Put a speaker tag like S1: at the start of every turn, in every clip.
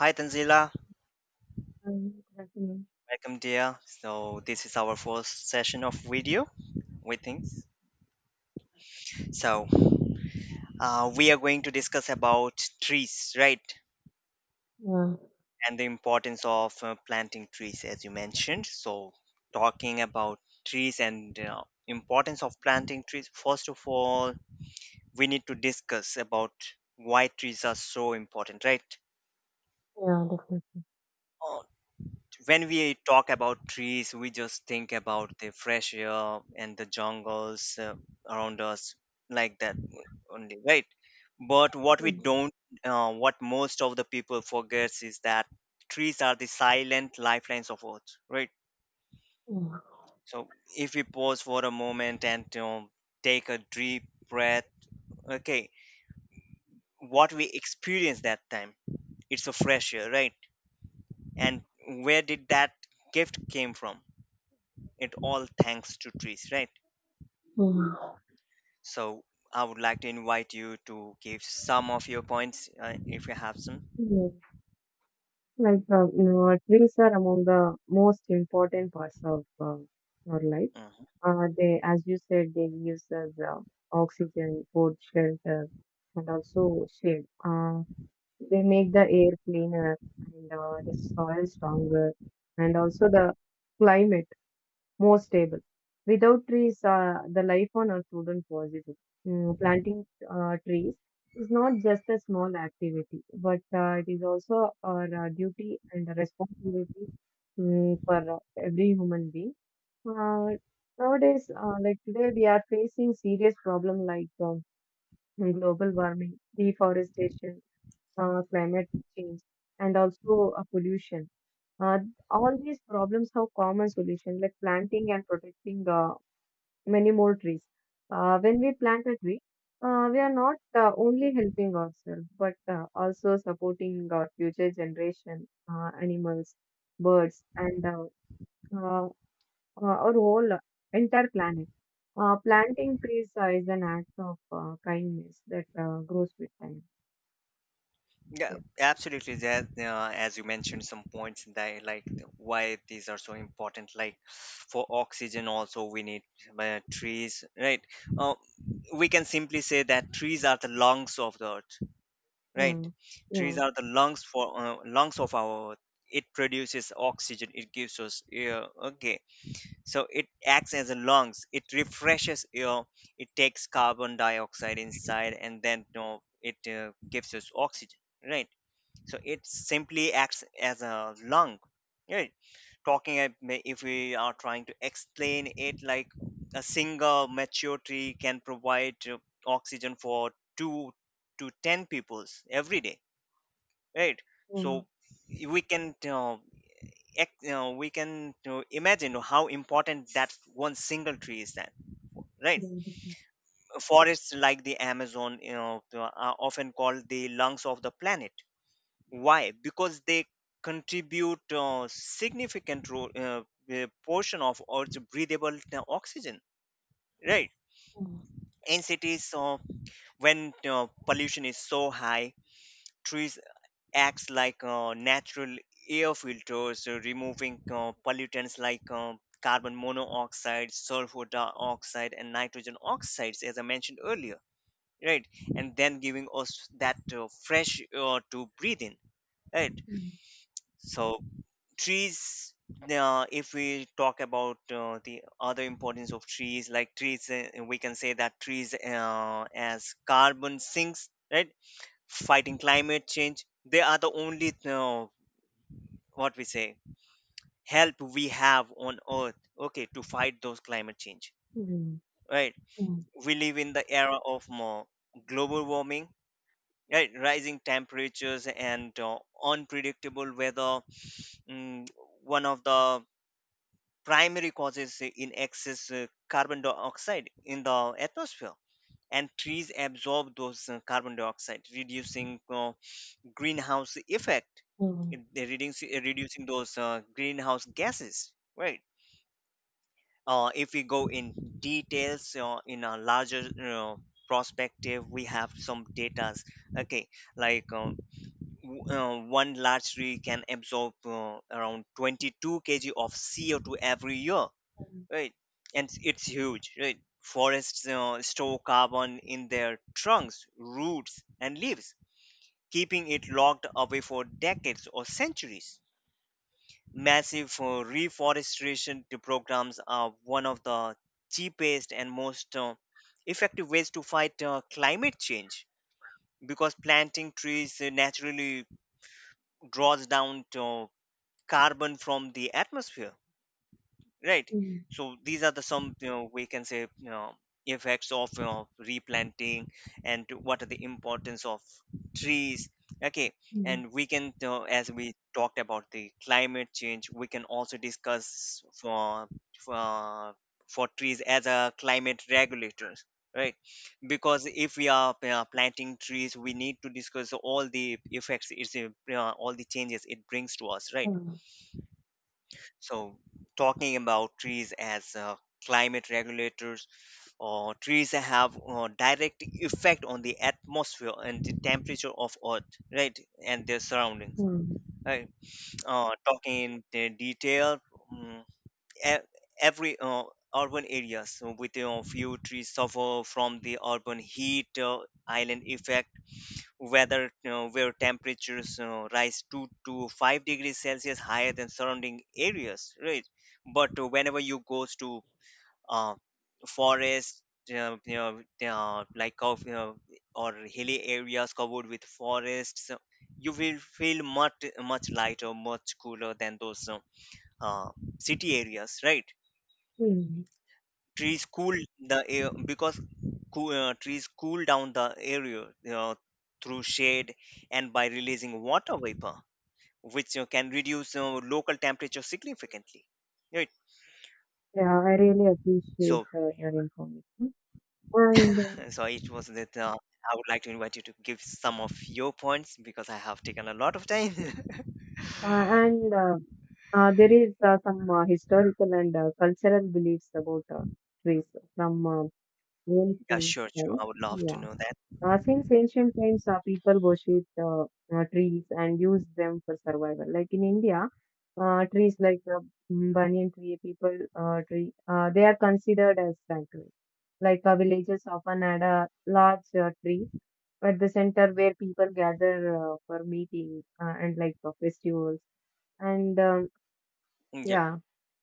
S1: Hi Tanzila,
S2: Mhm, definitely.
S1: welcome dear. So this is our first session of video with things. So we are going to discuss about trees, right?
S2: Yeah,
S1: And the importance of planting trees, as you mentioned. So talking about trees and importance of planting trees. First of all, we need to discuss about why trees are so important, right?
S2: yeah, definitely.
S1: When we talk about trees, we just think about the fresh air and the jungles around us, like that only, right? But what we
S2: Mhm,
S1: don't, What most of the people forgets is that trees are the silent lifelines of Earth, right?
S2: mhm,
S1: So if we pause for a moment and take a deep breath, okay, what we experience that time, it's a fresh air, right? And where did that gift came from? It all thanks to trees, right?
S2: mhm,
S1: So I would like to invite you to give some of your points if you have some.
S2: mhm. Trees are among the most important parts of our life.
S1: Mhm.
S2: They, as you said, they gives us oxygen, food, shelter, and also shade. They make the air cleaner and the soil stronger, and also the climate more stable. Without trees, the life on Earth wouldn't possible. Planting trees is not just a small activity, but it is also our duty and a responsibility for every human being. Uh, nowadays, like today, we are facing serious problem like global warming, deforestation, climate change, and also pollution. Uh, all these problems have common solution like planting and protecting the many more trees. When we plant a tree, we are not only helping ourselves, but also supporting our future generation, animals, birds, and uh, our whole entire planet. Planting trees is an act of kindness that grows with time.
S1: Yeah,
S2: Yes.
S1: absolutely. That as you mentioned, some points that why these are so important. Like for oxygen, also we need trees, right? Uh, we can simply say that trees are the lungs of the earth, right?
S2: Yeah,
S1: Trees
S2: yeah,
S1: are the lungs for lungs of our earth. It produces oxygen. It gives us air. Okay, so it acts as a lungs, it refreshes your, it takes carbon dioxide inside and then it gives us oxygen, right? So it simply acts as a lung, right? If we are trying to explain it, like a single mature tree can provide oxygen for 2 to 10 peoples every day, right?
S2: yeah,
S1: So we can we can imagine how important that one single tree is then, right?
S2: yeah.
S1: Forests like the Amazon, you know, are often called the lungs of the planet. Why? Because they contribute portion of earth's breathable oxygen, right?
S2: Yeah.
S1: In cities, when pollution is so high, trees acts like natural air filters, removing pollutants like carbon monoxide, sulfur dioxide, and nitrogen oxides, as I mentioned earlier, right? And then giving us that fresh air to breathe in, right?
S2: Mm,
S1: So, trees. If we talk about the other importance of trees, like trees, we can say that trees as carbon sinks, right? Fighting climate change, they are the only what we say help we have on earth, okay, to fight those climate change,
S2: mm,
S1: right?
S2: mm,
S1: We live in the era of more global warming, right? Rising temperatures and unpredictable weather. Mm, one of the primary causes in excess carbon dioxide in the atmosphere, and trees absorb those carbon dioxide, reducing greenhouse effect.
S2: mm,
S1: They reducing those greenhouse gases, right? If we go in details, in a larger uh, perspective, we have some datas, okay, like one large tree can absorb around 22 kg of CO2 every year, right? And it's huge, right? Forests store carbon in their trunks, roots and leaves, keeping it locked away for decades or centuries. Massive reforestation to programs are one of the cheapest and most effective ways to fight climate change, because planting trees naturally draws down carbon from the atmosphere, right?
S2: mm,
S1: So these are the some, we can say, effects of replanting and what are the importance of trees, okay.
S2: mm, mm.
S1: And we can, as we talked about the climate change, we can also discuss for for, for trees as a climate regulators, right? Because if we are planting trees, we need to discuss all the effects, it's all the changes it brings to us, right? So, talking about trees as climate regulators, or trees that have direct effect on the atmosphere and the temperature of Earth, right, and their surroundings.
S2: Mm.
S1: Right. Talking in detail, mm, e- every urban areas so with a few trees suffer from the urban heat island effect, whether where temperatures, rise 2 to 5 degrees celsius higher than surrounding areas, right? But whenever you goes to uh, forest, you know like of you know, or hilly areas covered with forests, you will feel much lighter, much cooler than those uh, city areas, right?
S2: Mm.
S1: Trees cool the air because cool, trees cool down the area uh, through shade and by releasing water vapor, which can reduce local temperature significantly, right?
S2: Yeah, I really appreciate
S1: So
S2: your information. And uh,
S1: so it was that I would like to invite you to give some of your points because I have taken a lot of time.
S2: and there is some historical and cultural beliefs about trees from
S1: Yeah,
S2: ancient
S1: sure,
S2: times.
S1: I would love to
S2: Yeah,
S1: know that.
S2: since ancient times, people worship trees and use them for survival. Like in India, trees like banyan tree, people tree, they are considered as sanctuary. Like villages often had a large tree at the center where people gather for meetings and festivals and
S1: Yep.
S2: yeah.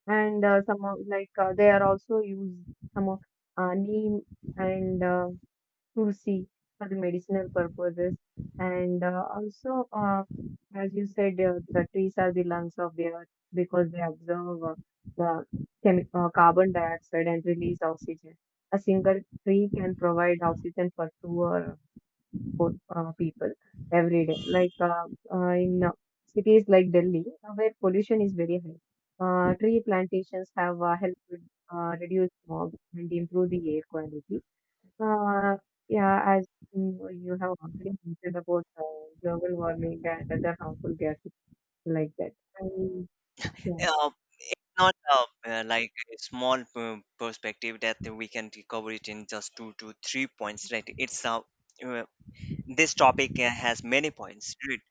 S2: And some of like they are also used some of neem and tulsi for the medicinal purposes and also, as you said, the trees are the lungs of the earth because they absorb the carbon dioxide and release oxygen. A single tree can provide oxygen for two or for people every day. In cities like Delhi, where pollution is very high, tree plantations have helped reduce smog and improve the air quality. Uh, yeah, as mm, you have already mentioned about global warming and other harmful gases like that. And, yeah,
S1: uh, not Like a small perspective that we can cover it in just 2 to 3 points, right? It's a, this topic has many points, right?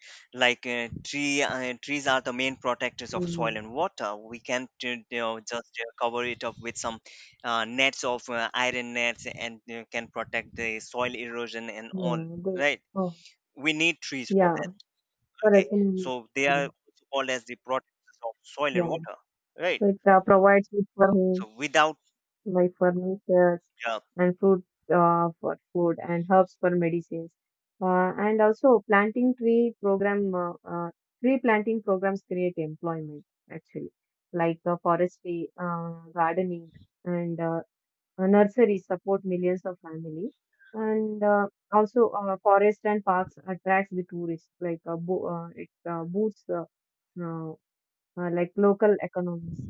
S1: Like trees are the main protectors of soil
S2: mm,
S1: and water. We can, just cover it up with some nets of iron nets and can protect the soil erosion and all,
S2: yeah, go,
S1: right?
S2: oh,
S1: We need trees for
S2: yeah,
S1: that. Okay,
S2: correct. Mm,
S1: so they are also called as the protectors of soil and
S2: yeah,
S1: water, right?
S2: so it provides food for
S1: So
S2: home
S1: without
S2: like furniture
S1: uh,
S2: and fruit for food and herbs for medicines. And also tree planting programs create employment actually, like forestry, gardening, and nurseries support millions of family. And also forest and parks attracts the tourists, like bo- it boosts uh, like local economies.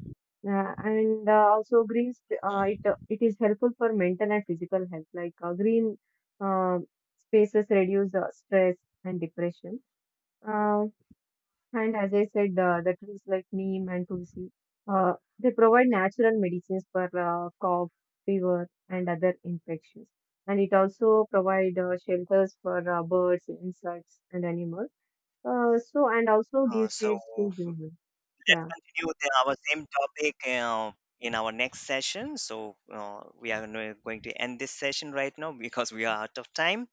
S2: And also green sp- it
S1: mhm,
S2: it is helpful for mental and physical health. Like green uh, spaces reduce stress and depression. Uh, and as I said, the trees like neem and tulsi, uh, they provide natural medicines for cough, fever, and other infections. And it also provide shelters for birds, insects, and animals. So and also give
S1: so
S2: shades to humans.
S1: let's
S2: Yeah.
S1: continue with our same topic in our next session. So we are going to end this session right now because we are out of time.